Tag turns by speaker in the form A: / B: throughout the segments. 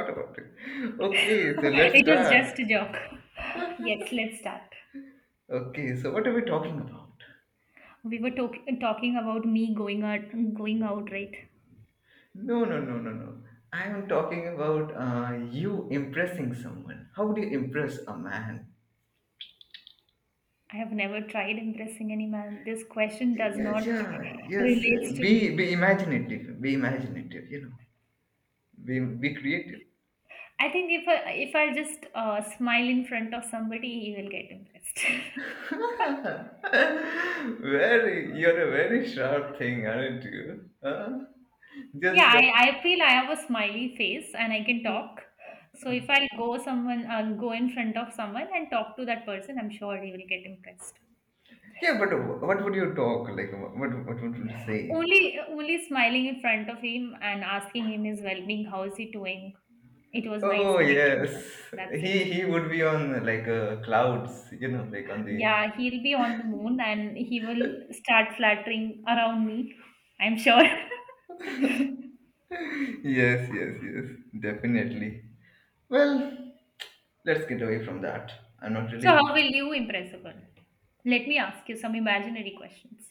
A: Thought about it. Okay, so let's
B: It was just a
A: start.
B: joke. Yes, let's start.
A: Okay, so what are we talking about?
B: We were talking about me going out, right?
A: No, no, no, no, no. I am talking about you impressing someone. How do you impress a man?
B: I have never tried impressing any man. This question does not
A: Yes, yeah, yes. uh,
B: relates to
A: Be
B: me.
A: be imaginative. Be imaginative. You know. Be creative.
B: I think if I just smile in front of somebody, he will get impressed.
A: Very, you're a very sharp thing, aren't you? Huh?
B: Yeah,
A: Just
B: I feel I have a smiley face and I can talk. So if I'll go in front of someone and talk to that person, I'm sure he will get impressed.
A: yeah, but what would you talk like? What would you say?
B: Only smiling in front of him and asking him his well-being, how is he doing? It was nice
A: Oh
B: connecting with
A: yes,
B: him. That's
A: he
B: it.
A: he would be on like clouds, like on the.
B: Yeah, he'll be on the moon and he will start flattering around me. I'm sure.
A: Yes, yes, yes, definitely. Well, let's get away from that. I'm not
B: So, how
A: really
B: will you impress a girl? Let me ask you some imaginary questions.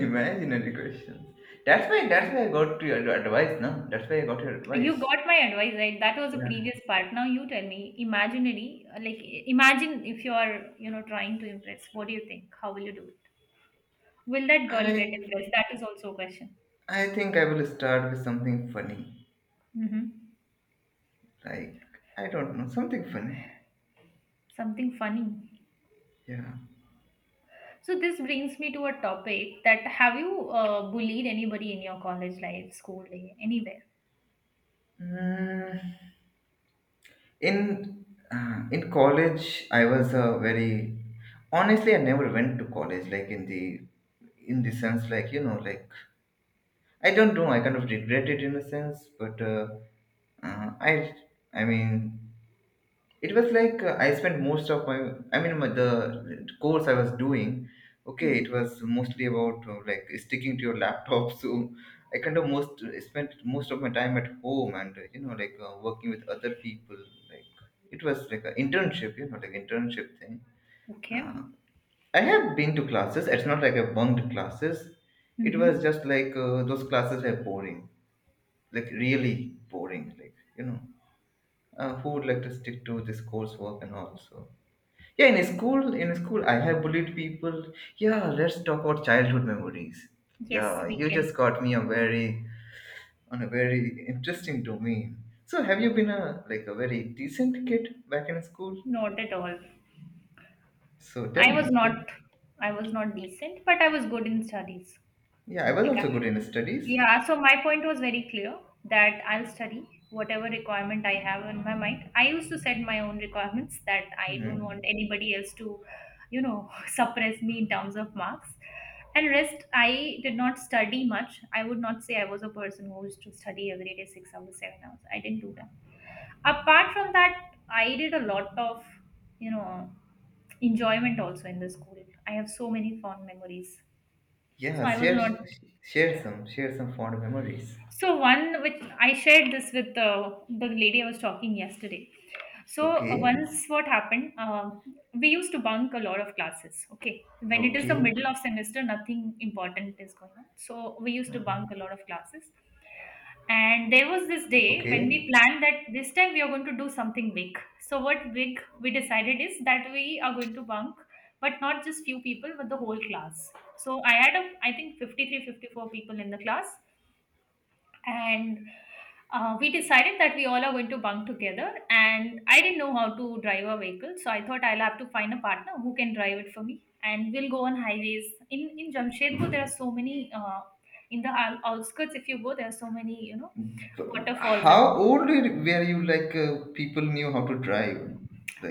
A: imaginary questions. That's why I got your advice, now. That's why I got your
B: You
A: advice.
B: got my advice, right? That was a
A: Yeah.
B: previous part. Now you tell me, imaginary, like imagine if you are, trying to impress. What do you think? How will you do it? Will that girl
A: I
B: get impressed? That is also a question.
A: I think I will start with something funny.
B: Mm-hmm.
A: Like I don't know, something funny.
B: Something funny.
A: Yeah.
B: So this brings me to a topic that have you bullied anybody in your college life, school day, anywhere?
A: Mm. in in college I was a very honestly I never went to college like in the sense like you know like I don't know I kind of regret it in a sense but uh, i i mean it was like I spent most of my my, the course I was doing okay it
B: Mhm.
A: was mostly about like sticking to your laptop so I kind of most spent most of my time at home and you know like working with other people like it was like an internship you know like internship thing uh,
B: Okay.
A: I have been to classes it's not like I bunked classes it was
B: Mm-hmm.
A: just like those classes were boring like really boring like you know who would like to stick to this coursework and all. So yeah, in a school, I have bullied people. Yeah, let's talk about childhood memories.
B: Yes,
A: Yeah,
B: we
A: you
B: can.
A: just got me a very on a very interesting domain. So, have you been a like a very decent kid back in school?
B: Not at all.
A: So tell
B: I
A: me.
B: was not. I was not decent, but I was good in studies.
A: Yeah, I was
B: Like, I,
A: also good in studies.
B: yeah, so my point was very clear that I'll study whatever requirement I have in my mind. I used to set my own requirements that I don't want
A: Hmm.
B: anybody else to, suppress me in terms of marks. And rest, I did not study much. I would not say I was a person who used to study every day 6 hours, 7 hours. I didn't do that. Apart from that, I did a lot of, you know, enjoyment also in the school. I have so many fond memories. So
A: Yeah,
B: I was not.
A: share some fond memories.
B: So one which I shared this with the lady I was talking yesterday. So
A: Okay,
B: once what happened, we used to bunk a lot of classes. Okay, when it is the
A: okay,
B: middle of semester, nothing important is going on. So we used to bunk a lot of classes. And there was this day when
A: okay.
B: we planned that this time we are going to do something big. So what big we decided is that we are going to bunk, but not just few people, but the whole class. So I had a, I think 53, 54 people in the class, and we decided that we all are going to bunk together. And I didn't know how to drive a vehicle, so I thought I'll have to find a partner who can drive it for me, and we'll go on highways in Jamshedpur. There are so many in the outskirts, if you go there are so many
A: But
B: waterfalls and
A: how
B: all.
A: old were you? Like people knew how to drive,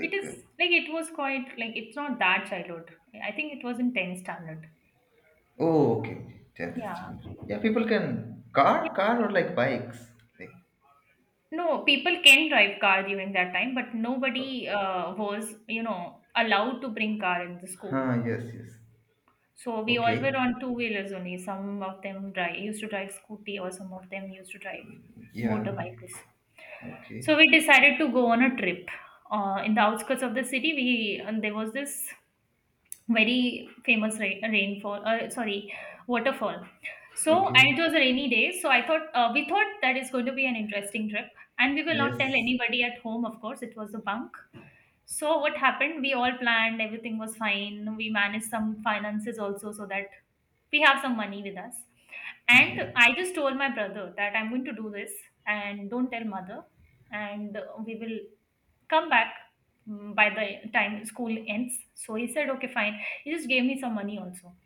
B: It is like it was quite, like it's not that childhood. I think it was in 10th standard.
A: Oh, okay, okay. 10th
B: Yeah.
A: standard. Yeah, people can car, car or like bikes. Like,
B: No, people can drive car during that time, but nobody was, allowed to bring car in the school.
A: huh? Yes, yes.
B: So we all were
A: Okay.
B: on two wheelers only. Some of them used to drive scooty, or some of them used to drive
A: Yeah.
B: motorbikes.
A: Okay.
B: So we decided to go on a trip. In the outskirts of the city, we and there was this very famous rain, rainfall, sorry, waterfall. So, and
A: Okay.
B: it was a rainy day, so I thought we thought that is going to be an interesting trip. And we will not tell
A: Yes.
B: anybody at home. Of course it was a bunk. So what happened, we all planned, everything was fine, we managed some finances also so that we have some money with us. And I
A: Yes.
B: just told my brother that I'm going to do this, and don't tell mother, and we will come back by the time school ends. So he said, okay, fine. He just gave me some money also.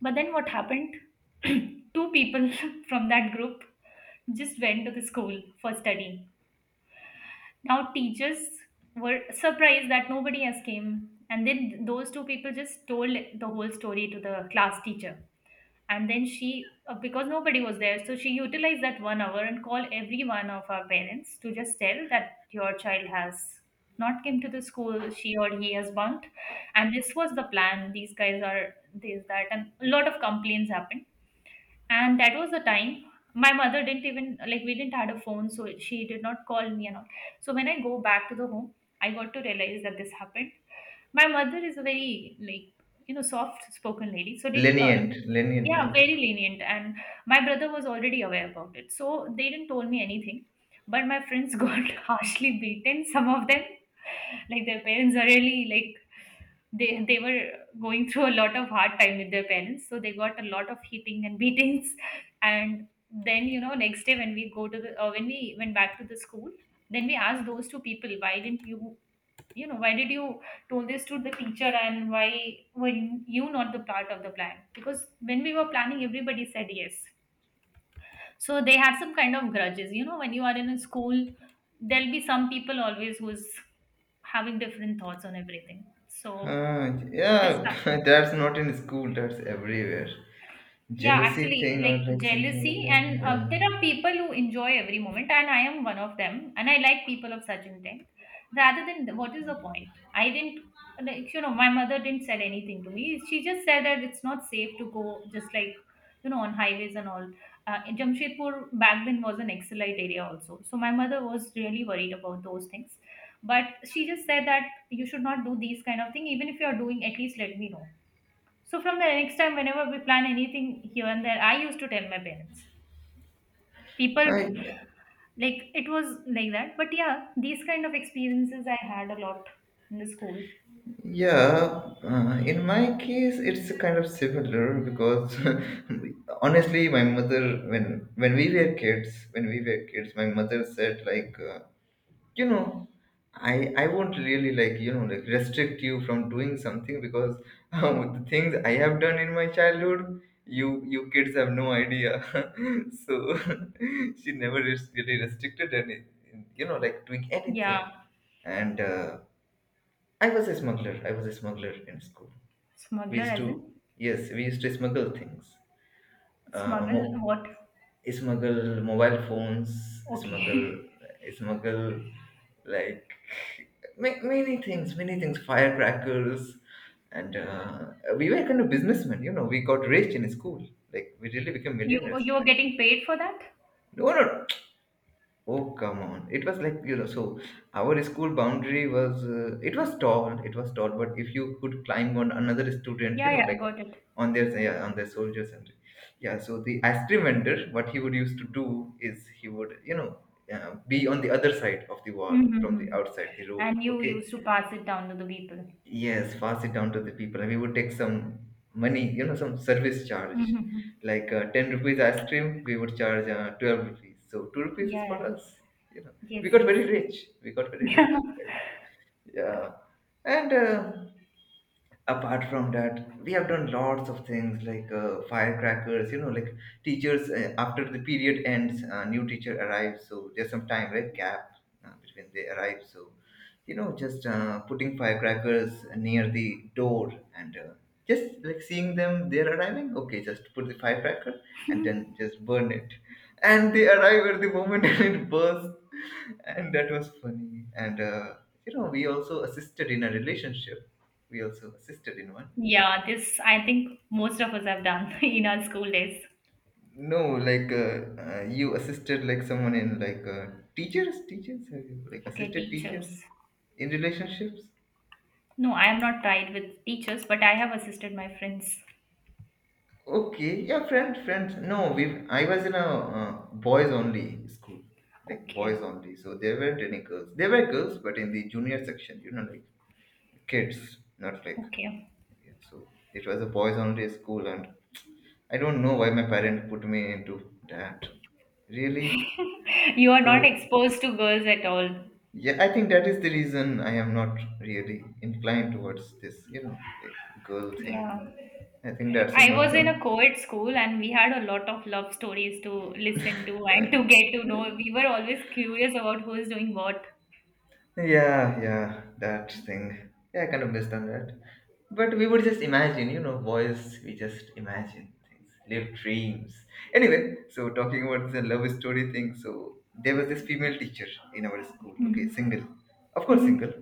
B: But then what happened? Two people from that group just went to the school for studying. Now teachers were surprised that nobody has came. And then those two people just told the whole story to the class teacher, and then she, because nobody was there, so she utilized that 1 hour and called every one of our parents to just tell that your child has not came to the school, she or he has bunked, and this was the plan, these guys are this that, and a lot of complaints happened. And that was the time my mother didn't even, like, we didn't had a phone, so she did not call me and all. So when I go back to the home, I got to realize that this happened. My mother is a very, like soft spoken lady. So did,
A: Lenient, lenient
B: yeah,
A: type.
B: very lenient. And my brother was already aware about it, so they didn't told me anything. But my friends got harshly beaten. Some of them, like their parents are really like they were going through a lot of hard time with their parents. So they got a lot of hitting and beatings. And then, next day when we went back to the school, then we asked those two people, why didn't you you know why did you told this to the teacher, and why were you not the part of the plan, because when we were planning everybody said yes. So they had some kind of grudges, when you are in a school there'll be some people always who's having different thoughts on everything. So
A: Huh?
B: this
A: Yeah.
B: happened.
A: That's not in school. That's everywhere.
B: Yeah,
A: Jealousy
B: actually,
A: thing
B: like
A: or like something like
B: jealousy,
A: that.
B: and
A: Yeah.
B: there are people who enjoy every moment, and I am one of them, and I like people of such intent. Rather than what is the point? I didn't, like, my mother didn't said anything to me. She just said that it's not safe to go, just like, on highways and all. In Jamshedpur back then was an Excelite area also, so my mother was really worried about those things. But she just said that you should not do these kind of thing. Even if you are doing, at least let me know. So from the next time, whenever we plan anything here and there, I used to tell my parents. People,
A: Hi.
B: like it was like that. But yeah, these kind of experiences I had a lot in the school.
A: Yeah, in my case, it's kind of similar because honestly, my mother, when we were kids, my mother said like, you know, I won't really like you know like restrict you from doing something because the things I have done in my childhood, you kids have no idea. So she never really restricted any, you know, like doing
B: Yeah.
A: anything and. I was a smuggler. I was a smuggler in school. We
B: Smuggler
A: used
B: as
A: to,
B: in
A: yes, we used to smuggle things. Uh,
B: smuggle
A: mo-
B: what?
A: Smuggle mobile phones,
B: Okay.
A: smuggle, smuggle like many things, firecrackers, and we were kind of businessmen. You know, we got rich in school. Like we really became
B: you
A: millionaires.
B: you're
A: Back.
B: getting paid for that?
A: No, no, oh, come on. It was like, you know, so our school boundary was, it was tall, but if you could climb on another student, you
B: Yeah,
A: know,
B: yeah,
A: like
B: I got it.
A: on their, yeah, on their soldiers and, yeah, so the ice cream vendor, what he would used to do is he would, you know, be on the other side of the wall from the
B: Mm-hmm.
A: outside the road,
B: And you
A: okay?
B: used to pass it down to the people.
A: Yes, pass it down to the people. And we would take some money, you know, some service charge.
B: Mm-hmm.
A: Like 10 rupees ice cream, we would charge 12 rupees. So 2 rupees
B: Yeah.
A: is for
B: Yeah.
A: us, you know. We
B: Yes,
A: got
B: yes.
A: very rich. We got very rich. Yeah. And apart from that, we have done lots of things like firecrackers, you know, like teachers after the period ends, new teacher arrives. So there's some time, right? Gap between they arrive. So, you know, just putting firecrackers near the door and just like seeing them, they're arriving. Okay, just put the firecracker and then just burn it. And they arrive at the moment and it bursts. And that was funny. And you know we also assisted in a relationship, we also assisted in one.
B: Yeah, this I think most of us have done in our school days.
A: No, like you assisted like someone in like teachers, have you, like
B: Okay,
A: assisted teachers
B: teachers.
A: in relationships?
B: No, I am not tied with teachers, but I have assisted my friends.
A: Okay, yeah, friends. No, we, I was in a uh, boys only school, like boys
B: Okay,
A: only, so there weren't any girls. There were girls but in the junior section, you know, like kids, not like.
B: okay.
A: Yeah, so it was a boys only school and I don't know why my parent put me into that. Really?
B: You are
A: So
B: not exposed to girls at all.
A: yeah, I think that is the reason I am not really inclined towards this, you know, like girl thing.
B: Yeah.
A: I think that's a
B: I
A: more
B: was in a
A: some.
B: co ed school and we had a lot of love stories to listen to and to get to know. We were always curious about who is doing what.
A: Yeah, yeah, that thing. Yeah, I kind of missed on that. But we would just imagine, you know, boys, we just imagine things, live dreams. Anyway, so talking about the love story thing, so there was this female teacher in our school, okay,
B: Mm-hmm.
A: single, of course,
B: Mm-hmm.
A: single.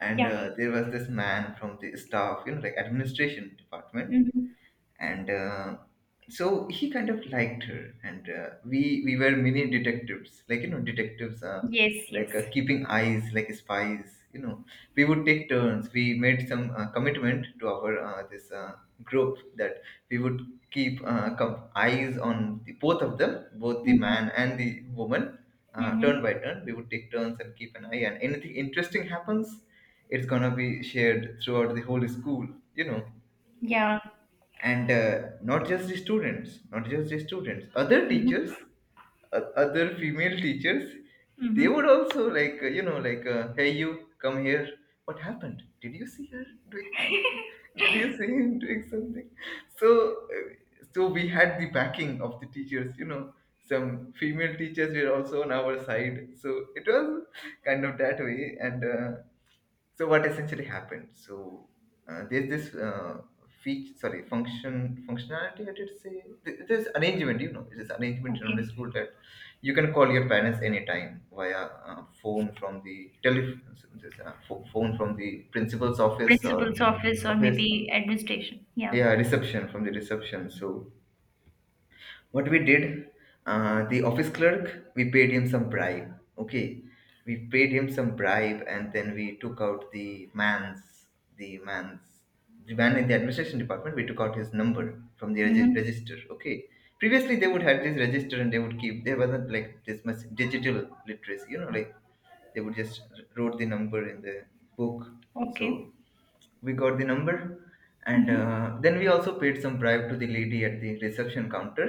A: And
B: Yeah.
A: there was this man from the staff, you know, like administration department,
B: Mm-hmm.
A: and so he kind of liked her and uh, we were mini detectives, like you know detectives are,
B: Yes, yes.
A: like keeping eyes like spies, you know. We would take turns. We made some commitment to our this group that we would keep eyes on the, both of them, both the
B: Mm-hmm.
A: man and the woman. Turn by
B: Mm-hmm.
A: turn we would take turns and keep an eye, and anything interesting happens, it's gonna be shared throughout the whole school, you know.
B: Yeah.
A: And not just the students, other teachers,
B: Mm-hmm.
A: other female teachers, they
B: Mm-hmm.
A: would also like you know like hey you come here, what happened, did you see her doing something, did you see him doing something? So so we had the backing of the teachers, you know, some female teachers were also on our side, so it was kind of that way. And so what essentially happened? So there's this feature, sorry, functionality. I did say there's arrangement. You know, it is arrangement around the
B: Okay.
A: school that you can call your parents anytime via phone from the telephone, phone from the principal's office or
B: Principal's office or
A: office.
B: maybe administration. Yeah.
A: Yeah, reception from the reception. So what we did, the office clerk, we paid him some bribe, okay, we paid him some bribe, and then we took out the man's man's, the man in the administration department, we took out his number from the
B: Mhm.
A: register, okay. Previously they would have this register and they would keep, there wasn't like this much digital literacy, you know, like they would just wrote the number in the book. So
B: Okay.
A: we got the number, and
B: Mhm.
A: then we also paid some bribe to the lady at the reception counter,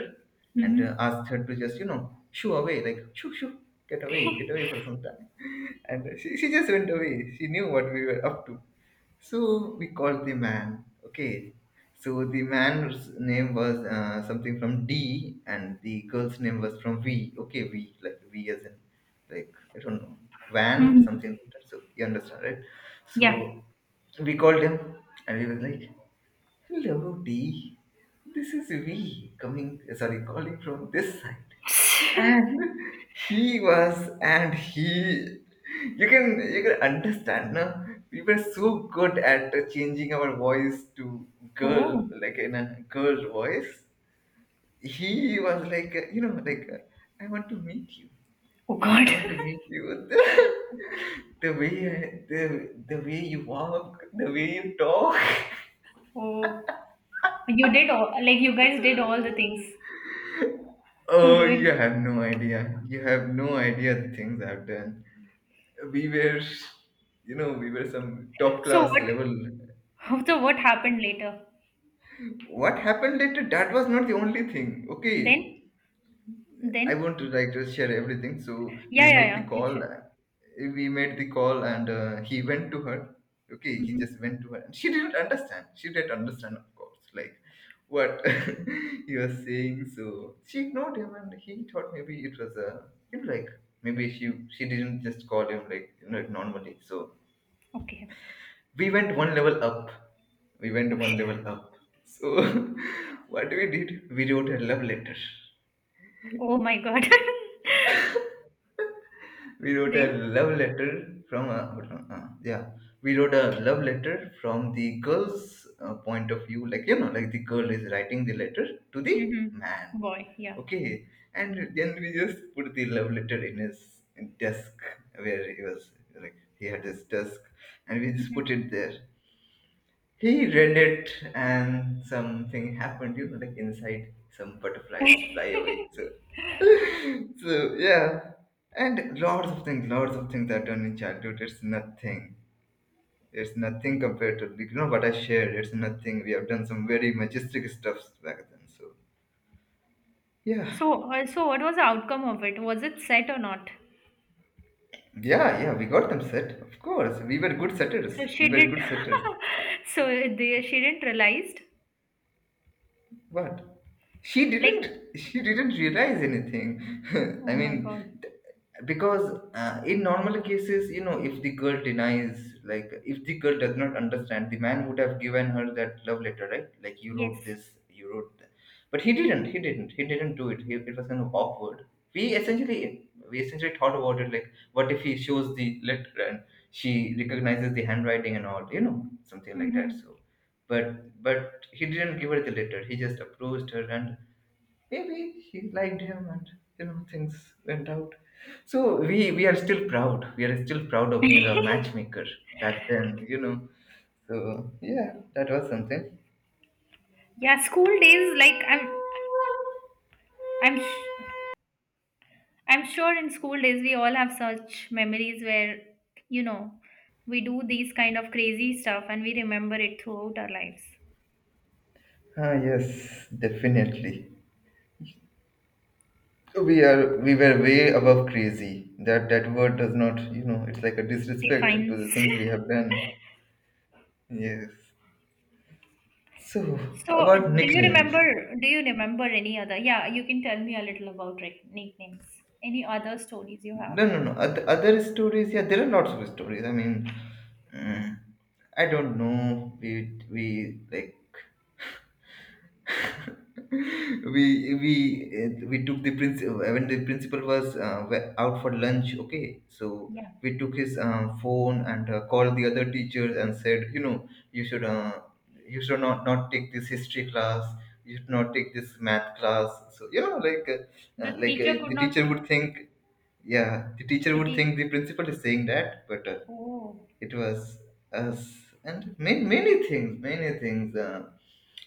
A: and
B: Mhm.
A: asked her to just you know shoo away, like shoo shoo, get away for some time. And she just went away, she knew what we were up to. So we called the man, okay. So the man's name was something from D and the girl's name was from V, okay, V like V as in like I don't know, van something
B: Mhm.
A: like that. So you understand, right? So
B: Yeah.
A: we called him and we were like, hello, D. This is we coming, sorry, calling from this side. And he was, and he, you can understand, no? We were so good at changing our voice to girl,
B: Oh.
A: like in a girl voice. He was like, you know, like, I want to meet you.
B: Oh
A: I
B: God.
A: want to meet you. The way I- the the way you walk, the way you talk.
B: Oh, you did all like you guys did all the things to
A: Oh, you
B: ruin.
A: have no idea. You have no idea the things I've done. We were, you know, we were some top
B: So
A: class
B: what?
A: level.
B: So what happened later?
A: What happened later? That was not the only thing. Okay,
B: Then?
A: I want
B: Then?
A: to like just share everything. So
B: Yeah,
A: we
B: yeah,
A: made the
B: yeah. Please
A: call.
B: share.
A: We made the call, and he went to her. Okay, he
B: Mm-hmm.
A: just went to her, and she didn't understand. She didn't understand, of course, like what he was saying. So she ignored him, and he thought maybe it was a you know like maybe she didn't just call him like you know normally. So
B: Okay.
A: we went one level up. We went one
B: Okay.
A: level up. So what we did, we wrote a love letter
B: Oh my God.
A: we wrote a
B: Then?
A: love letter from a hold on, yeah we wrote a love letter from the girl's point of view like the girl is writing the letter to the
B: Mm-hmm.
A: man,
B: Boy. Yeah.
A: okay, and then we just put the love letter in his desk where he was, like he had his desk and we just put it
B: Mm-hmm.
A: there. He read it and something happened, you know, like inside some butterflies fly away. So, so yeah. And lots of things are done in childhood. It's nothing. It's nothing compared to, like, you know what I shared. It's nothing. We have done some very majestic stuffs back then. So yeah.
B: So, what was the outcome of it? Was it set or not?
A: Yeah, yeah, we got them set. Of course. We were good
B: So
A: setters. We
B: she
A: were
B: did.
A: good setters.
B: So she didn't realized.
A: What? She
B: Like,
A: didn't. She didn't realize anything. I
B: oh my god.
A: mean, th- because in normal cases, you know, if the girl denies, like if the girl does not understand, the man would have given her that love letter, right? Like you
B: Yes.
A: wrote this, you wrote. That. But he didn't. He didn't. He didn't do it. He, it was kind of awkward. We essentially thought about it. Like, what if he shows the letter and she recognizes the handwriting and all? You know, something like that. So
B: Mm-hmm.
A: but he didn't give her the letter. He just approached her, and maybe she liked him, and you know things went out. So we are still proud. We are still proud of being a matchmaker back then. You know. So yeah, that was something.
B: Yeah, school days. Like, I'm, sh- I'm sure in school days we all have such memories where, you know, we do these kind of crazy stuff and we remember it throughout our lives.
A: Ah yes, definitely. So we were way above crazy. That word does not, you know, it's like a disrespect to
B: Defines.
A: the things we have done. Yes. So
B: So,
A: about
B: do you
A: nicknames.
B: remember? Do you remember any other? Yeah, you can tell me a little about nicknames. Any other stories you have?
A: No, no, no. Other stories, yeah, there are lots of stories. I mean, mm, I don't know. We, like, we took the principal when the principal was out for lunch. Okay, so
B: Yeah.
A: we took his phone and called the other teachers and said, you know, you should not not take this history class. You should not take this math class. So you know,
B: The
A: like
B: teacher could
A: the
B: not.
A: teacher would think, yeah the teacher
B: The
A: would
B: te-
A: think the principal is saying that, but
B: Oh.
A: it was us. And many, many things, many things,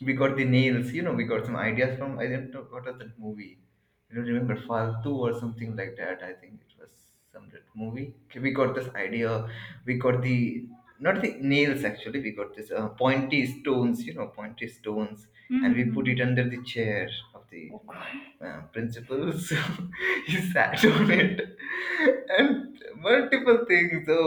A: we got the nails, you know we got some ideas from, I don't know what was that movie, I don't remember, faltu or something like that I think it was, some that movie. Okay, we got this idea, we got the, not the nails actually, we got this pointy stones, you know pointy stones,
B: Hmm,
A: and
B: hmm,
A: we
B: hmm,
A: put it
B: hmm.
A: under the chair of the
B: Okay.
A: principles. He sat on it and multiple things. So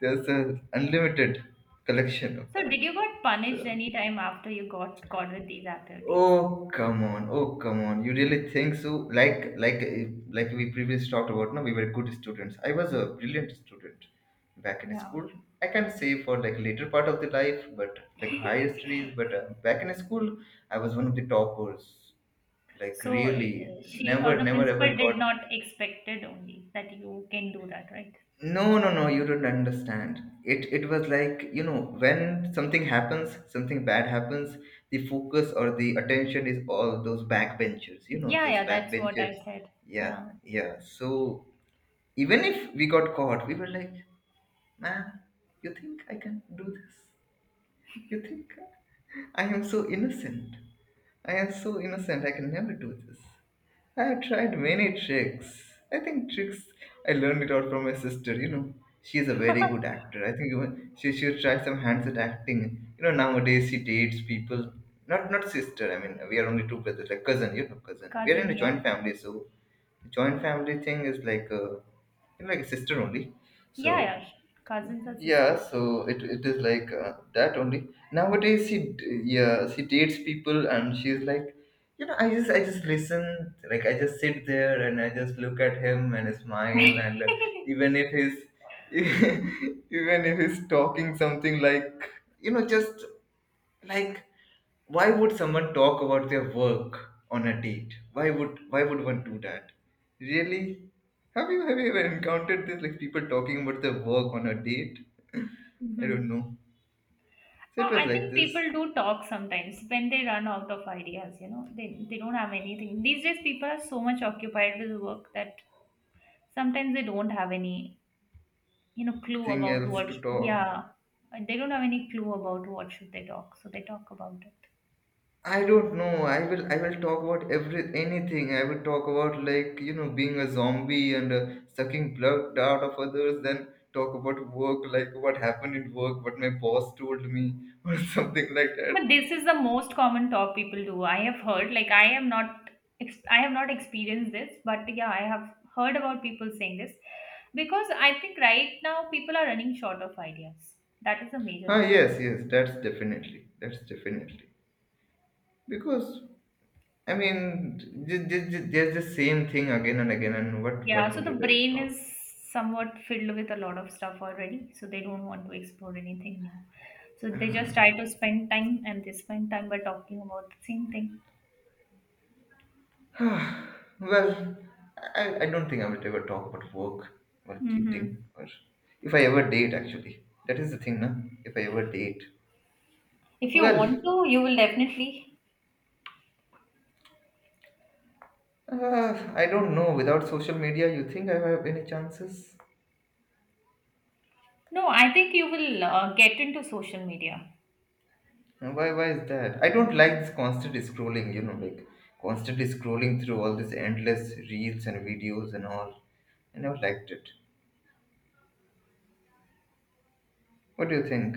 A: there's an unlimited collection of
B: So, did
A: that.
B: you got punished
A: So
B: any time after you got caught with these activities?
A: oh come on, oh come on, you really think so? Like like uh, like we previously talked about, no we were good students, I was a brilliant student back in
B: Yeah.
A: school. I can say for like later part of the life, but like higher studies, but back in school I was one of the toppers, like
B: So
A: really.
B: she or
A: Never,
B: the
A: never ever
B: principal did
A: got.
B: not expected only that you can do that, right?
A: No, no, no, you don't understand. It was like, you know, when something happens, something bad happens, the focus or the attention is all those backbenchers, you know,
B: Yeah,
A: those
B: yeah, that's what I
A: backbenchers.
B: said.
A: Yeah,
B: Yeah.
A: yeah. So even if we got caught, we were like, ma'am, you think I can do this? You think I am so innocent. I am so innocent, I can never do this. I have tried many tricks. I think tricks I learned it out from my sister, you know. She is a very good actor. I think even she tried some hands at acting. You know, nowadays she dates people, not not sister, I mean we are only two brothers, like cousin, you know, cousin. We are in
B: Cousin,
A: a
B: yeah.
A: joint family, so joint family thing is like you know, like a sister only. So
B: Yeah, yeah. Cousins or sister.
A: yeah, so it is like that only. Nowadays, yeah she dates people and she's like, you know, I just listen, like I just sit there and I just look at him and smile, and even if he's even if he's talking something like, you know, just like, why would someone talk about their work on a date? Why would one do that? Really? Have you ever encountered this, like people talking about their work on a date? I don't
B: Mhm.
A: know. So it
B: Oh,
A: was
B: I
A: like
B: think
A: this
B: people do talk sometimes when they run out of ideas, they don't have anything. These days, people are so much occupied with work that sometimes they don't have any, clue
A: thing
B: about
A: else
B: what,
A: to talk.
B: yeah, they don't have any clue about what should they talk. So they talk about it.
A: I don't know. I will talk about every anything. I will talk about like you know being a zombie and sucking blood out of others. Then talk about work, like what happened in work, what my boss told me, or something like that.
B: But this is the most common talk people do. I have heard, like, I have not experienced this, but yeah, I have heard about people saying this because I think right now people are running short of ideas. That is a major
A: Ah
B: issue.
A: yes, yes, that's definitely, that's definitely, because I mean there's the same thing again and again. And what
B: Yeah, so
A: would
B: the
A: you like to
B: brain
A: talk?
B: is somewhat filled with a lot of stuff already, so they don't want to explore anything new. So they just try to spend time and they spend time by talking about the same thing.
A: Well, I don't think I will ever talk about work or dating,
B: Hmm.
A: or if I ever date actually. That is the thing, na? If I ever date.
B: If you want
A: Well,
B: to, you will definitely.
A: I don't know. Without social media, you think I have any chances?
B: No, I think you will get into social media.
A: And why is that? I don't like this constantly scrolling, you know, like constantly scrolling through all these endless reels and videos and all. I never liked it. What do you think?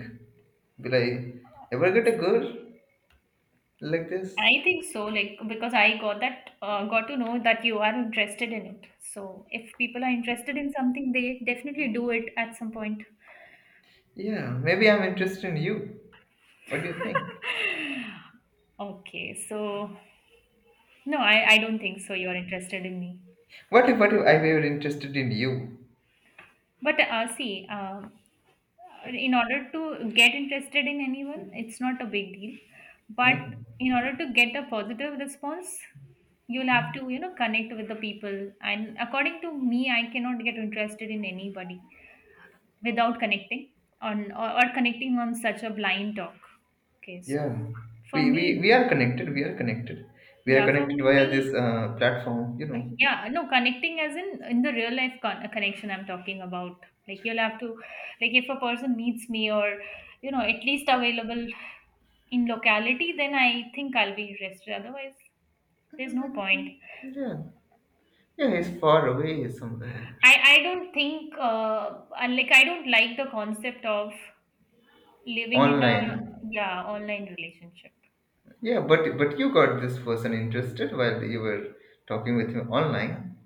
A: Will I ever get a girl like this?
B: I think so, like because I got that got to know that you are interested in it. So if people are interested in something, they definitely do it at some point.
A: Yeah, maybe I'm interested in you. What do you think?
B: Okay, so no, I don't think so. You're interested in me.
A: What if I were interested in you?
B: But see, in order to get interested in anyone, it's not a big deal. But
A: Huh?
B: in order to get a positive response, you'll have to, you know, connect with the people. And according to me, I cannot get interested in anybody without connecting or connecting on such a blind talk. Okay,
A: Yeah,
B: so for
A: we
B: me,
A: are connected. We are connected. We are
B: yeah, for
A: connected via this
B: me,
A: platform. You know.
B: yeah, no, connecting as in the real life connection I'm talking about. Like you'll have to, like if a person meets me or you know at least available in locality, then I think I'll be interested. Otherwise, there's no point.
A: Yeah, yeah. He's far away somewhere.
B: I don't think like I don't like the concept of living in a
A: Online.
B: yeah online relationship.
A: Yeah, but you got this person interested while you were talking with him online.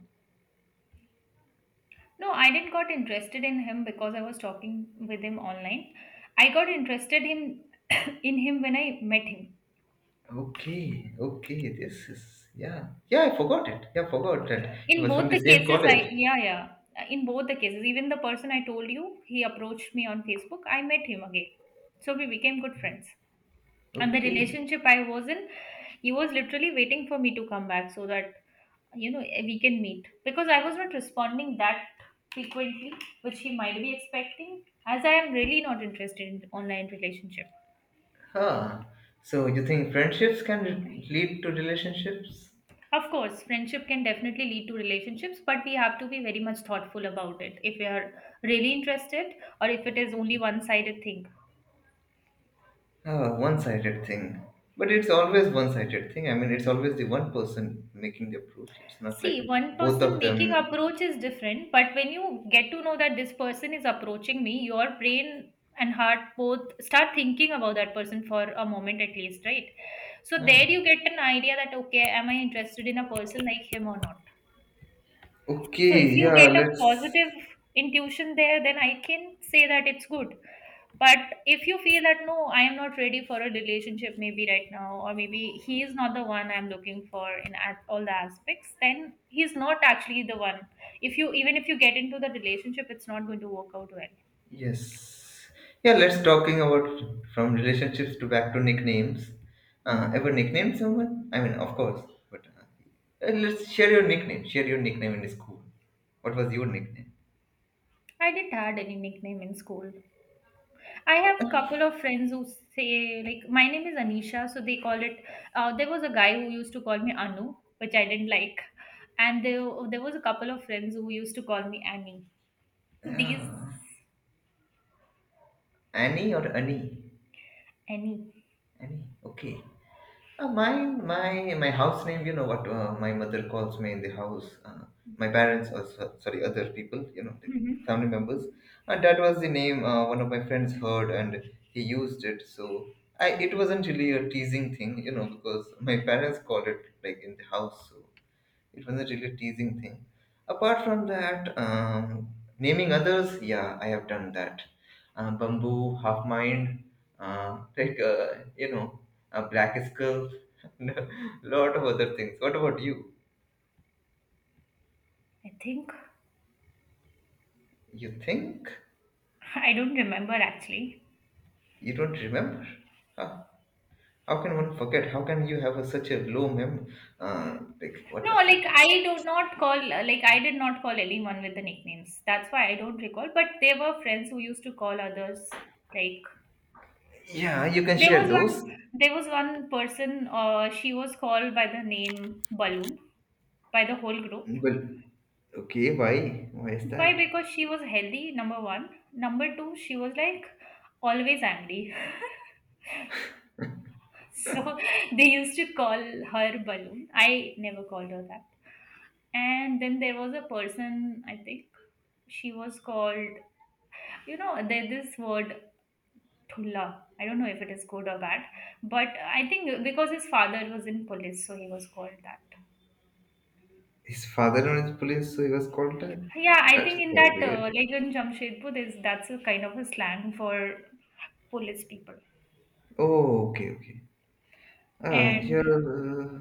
B: No, I didn't got interested in him because I was talking with him online. I got interested him in him when I met him.
A: Okay, okay. This is, yeah, yeah. I forgot it. Yeah, I forgot that he
B: In
A: was from
B: both
A: the
B: the
A: same
B: cases,
A: college.
B: I yeah, yeah. In both the cases, even the person I told you, he approached me on Facebook. I met him again, so we became good friends. And the
A: Okay.
B: relationship I was in, he was literally waiting for me to come back so that you know we can meet because I was not responding that frequently, which he might be expecting, as I am really not interested in online relationship.
A: Huh. So you think friendships can lead to relationships?
B: Of course, friendship can definitely lead to relationships, but we have to be very much thoughtful about it if we are really interested or if it is only one sided thing.
A: Ah, one-sided thing. But it's always one-sided thing. I mean, it's always the one person making the approach. It's not
B: See,
A: like
B: one
A: both
B: person
A: of
B: making
A: them.
B: approach is different, but when you get to know that this person is approaching me, your brain and heart both start thinking about that person for a moment at least, right? So there you
A: Ah.
B: get an idea that okay, am I interested in a person like him or not? So
A: Okay.
B: if you
A: Yeah.
B: get a
A: Let's.
B: positive intuition there, then I can say that it's good. But if you feel that no, I am not ready for a relationship, maybe right now, or maybe he is not the one I'm looking for in all the aspects, then he's not actually the one. If you even if you get into the relationship, it's not going to work out well.
A: Yes. Yeah. Let's talking about from relationships to back to nicknames. Ever
B: Hmm.
A: nicknamed someone? I mean, of course. But let's share your nickname. Share your nickname in school. What was your nickname?
B: I didn't had any nickname in school. I have couple of friends who say like my name is Anisha, so they call it. There was a guy who used to call me Anu, which I didn't like, and there was a couple of friends who used to call me Annie. So these
A: Yeah. Annie or Annie?
B: Annie,
A: Annie. Okay. My house name. You know what my mother calls me in the house. My parents, or sorry, other people. You know, the
B: hmm,
A: family members. And that was the name one of my friends heard, and he used it. So I, it wasn't really a teasing thing. You know, because my parents called it like in the house. So it was a really teasing thing. Apart from that, naming others, yeah, I have done that. Bamboo, half mind, like you know, a black skull, and a lot of other things. What about you?
B: I think
A: You think
B: I don't remember actually.
A: you don't remember? Huh? How can one forget? How can you have a, such a low mem? Like what
B: No,
A: was that?
B: like I do not call like I did not call anyone with the nicknames. That's why I don't recall. But there were friends who used to call others like
A: Yeah, you can
B: there
A: share
B: was one.
A: those.
B: There was one person. She was called by the name Balloon by the whole group.
A: Well, okay, why? Why is
B: Why?
A: that?
B: Because she was healthy. Number one. Number two, she was like always angry. so they used to call her Balloon. I never called her that. And then there was a person. I think she was called. You know, there's this word Thulla. I don't know if it is good or bad, but I think because his father was in police, so he was called that.
A: His father in is police, so he was called that.
B: Yeah, I
A: That is
B: think in
A: very
B: that,
A: weird.
B: like in Jamshedpur, there's that's a kind of a slang for police people.
A: Oh, okay, okay. Ah, yeah,
B: And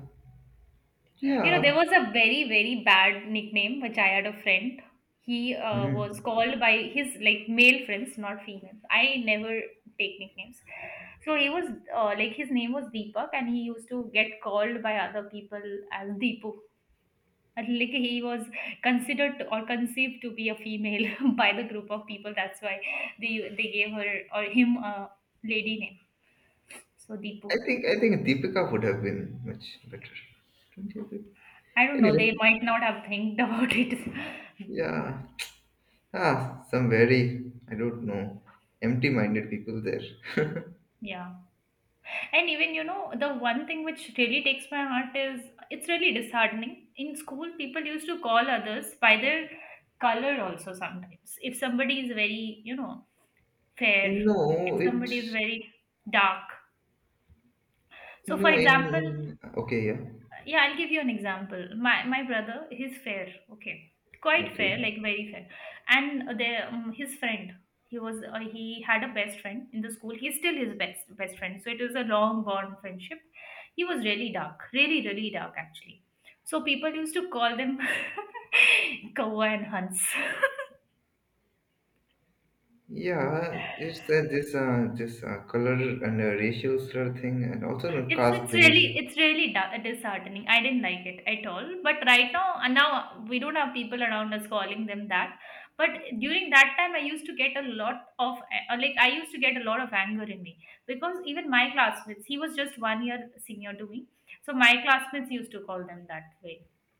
B: you know, there
A: yeah.
B: was a very, very bad nickname which I had a friend. He
A: Hmm.
B: was called by his like male friends, not female. I never take nicknames. So he was like his name was Deepak, and he used to get called by other people as Deepu. At like he was considered to- or conceived to be a female by the group of people. That's why they they gave her or him a lady name. So
A: I
B: Deepu.
A: think I think Deepika would have been much better. Don't you agree?
B: I don't know. They
A: Anyway,
B: might not have think about it.
A: yeah. Ah, some very I don't know empty-minded people there.
B: yeah. And even you know the one thing which really takes my heart is it's really disheartening. In school, people used to call others by their color also sometimes. If somebody is very you know fair,
A: No,
B: if
A: it,
B: somebody is very dark. So
A: no,
B: for
A: in
B: example,
A: okay yeah,
B: yeah, I'll give you an example. My brother, he's fair, okay, quite
A: okay
B: fair, like very fair. And there his friend, he was he had a best friend in the school. He's still his best friend, so it was a long bond friendship. He was really dark, really really dark actually. So people used to call them kawa and hans.
A: yeah, it's that, this this color and racial slur thing, and also no
B: It's
A: caste
B: it's
A: based.
B: really it's really da- disheartening. I didn't like it at all. But right now, and now we don't have people around us calling them that. But during that time, I used to get a lot of like I used to get a lot of anger in me because even my classmates, he was just 1 year senior to me, so my classmates used to call them that way.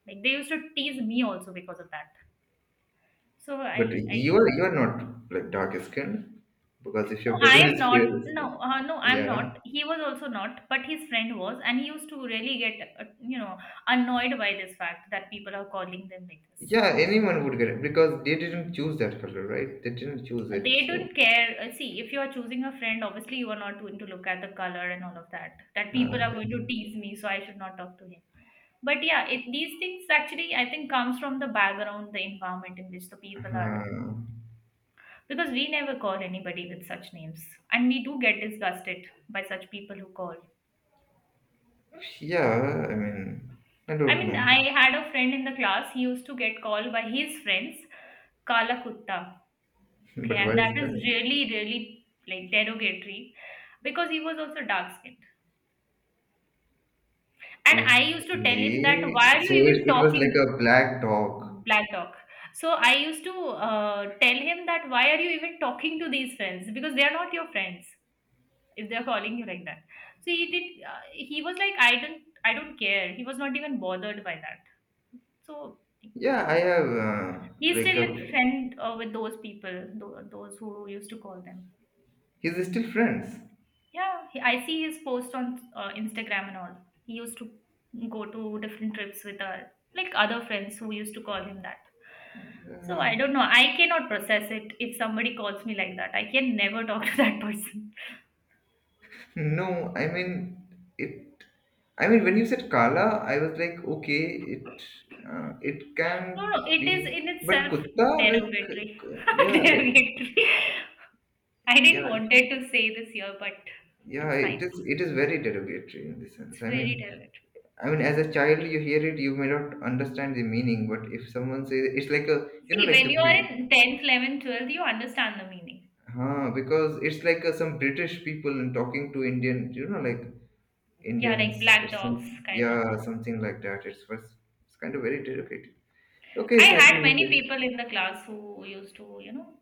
B: Like they used to tease me also because of that. So
A: But
B: I
A: you
B: I
A: are you are not like dark skinned, because if your
B: no, I
A: brother
B: am
A: is fair
B: not.
A: skin,
B: No, no, I'm
A: yeah,
B: not. He was also not, but his friend was, and he used to really get, you know, annoyed by this fact that people are calling them like this.
A: yeah, anyone would get it because they didn't choose that color, right? They didn't choose it,
B: They
A: so
B: don't care. See, if you are choosing a friend, obviously you are not going to look at the color and all of that. That people are
A: uh,
B: going to tease me, so I should not talk to him. But yeah, it, these things actually, I think, comes from the background, the environment in which the people are.
A: uh,
B: Because we never call anybody with such names, and we do get disgusted by such people who call.
A: yeah. I mean, I
B: I
A: don't
B: mean,
A: know,
B: I had a friend in the class. He used to get called by his friends Kala Kutta. Okay,
A: but why
B: and
A: is
B: that is
A: that?
B: really, really like derogatory because he was also dark skinned. And I used to tell him that
A: Okay,
B: why are
A: so
B: you
A: it,
B: even
A: it was like
B: talking
A: a black dog.
B: black talk? So I used to tell him that why are you even talking to these friends because they are not your friends if they are calling you like that. So he did. He was like, I don't care. He was not even bothered by that. So
A: Yeah, I have
B: he's
A: like
B: still a
A: a.
B: friend with those people, those who used to call them.
A: He's still friends.
B: Yeah, he- I see his post on Instagram and all. He used to go to different trips with like other friends who used to call him that. So I don't know. I cannot process it if somebody calls me like that. I can never talk to that person.
A: No, I mean, it. I mean when you said Kala, I was like, okay, it, it
B: No,
A: can
B: no, it is
A: be,
B: in
A: but
B: itself
A: Kutta, like,
B: derogatory.
A: yeah, like,
B: derogatory. I didn't
A: yeah,
B: wanted to say this here, but
A: yeah.
B: it's
A: It
B: fine.
A: is, it is very derogatory in this
B: It's
A: sense.
B: very derogatory.
A: I mean, as a child, you hear it, you may not understand the meaning, but if someone says it's like a, you know,
B: See,
A: like
B: when
A: the,
B: you are in 10th, 11th, 12th, you understand the meaning.
A: Huh, because it's like some British people and talking to Indian, you know, like.
B: Yeah, like
A: Indians.
B: black
A: It's
B: dogs,
A: something,
B: kind of.
A: yeah, something like that. It's was, it's kind of very delicate. Okay,
B: I
A: so I think
B: had
A: we
B: many
A: can,
B: people in the class who used to, you know,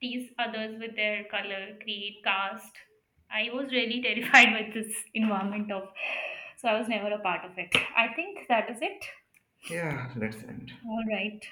B: tease others with their color, creed, caste. I was really terrified with this environment of, so I was never a part of it. I think that is it.
A: yeah, let's end.
B: All right.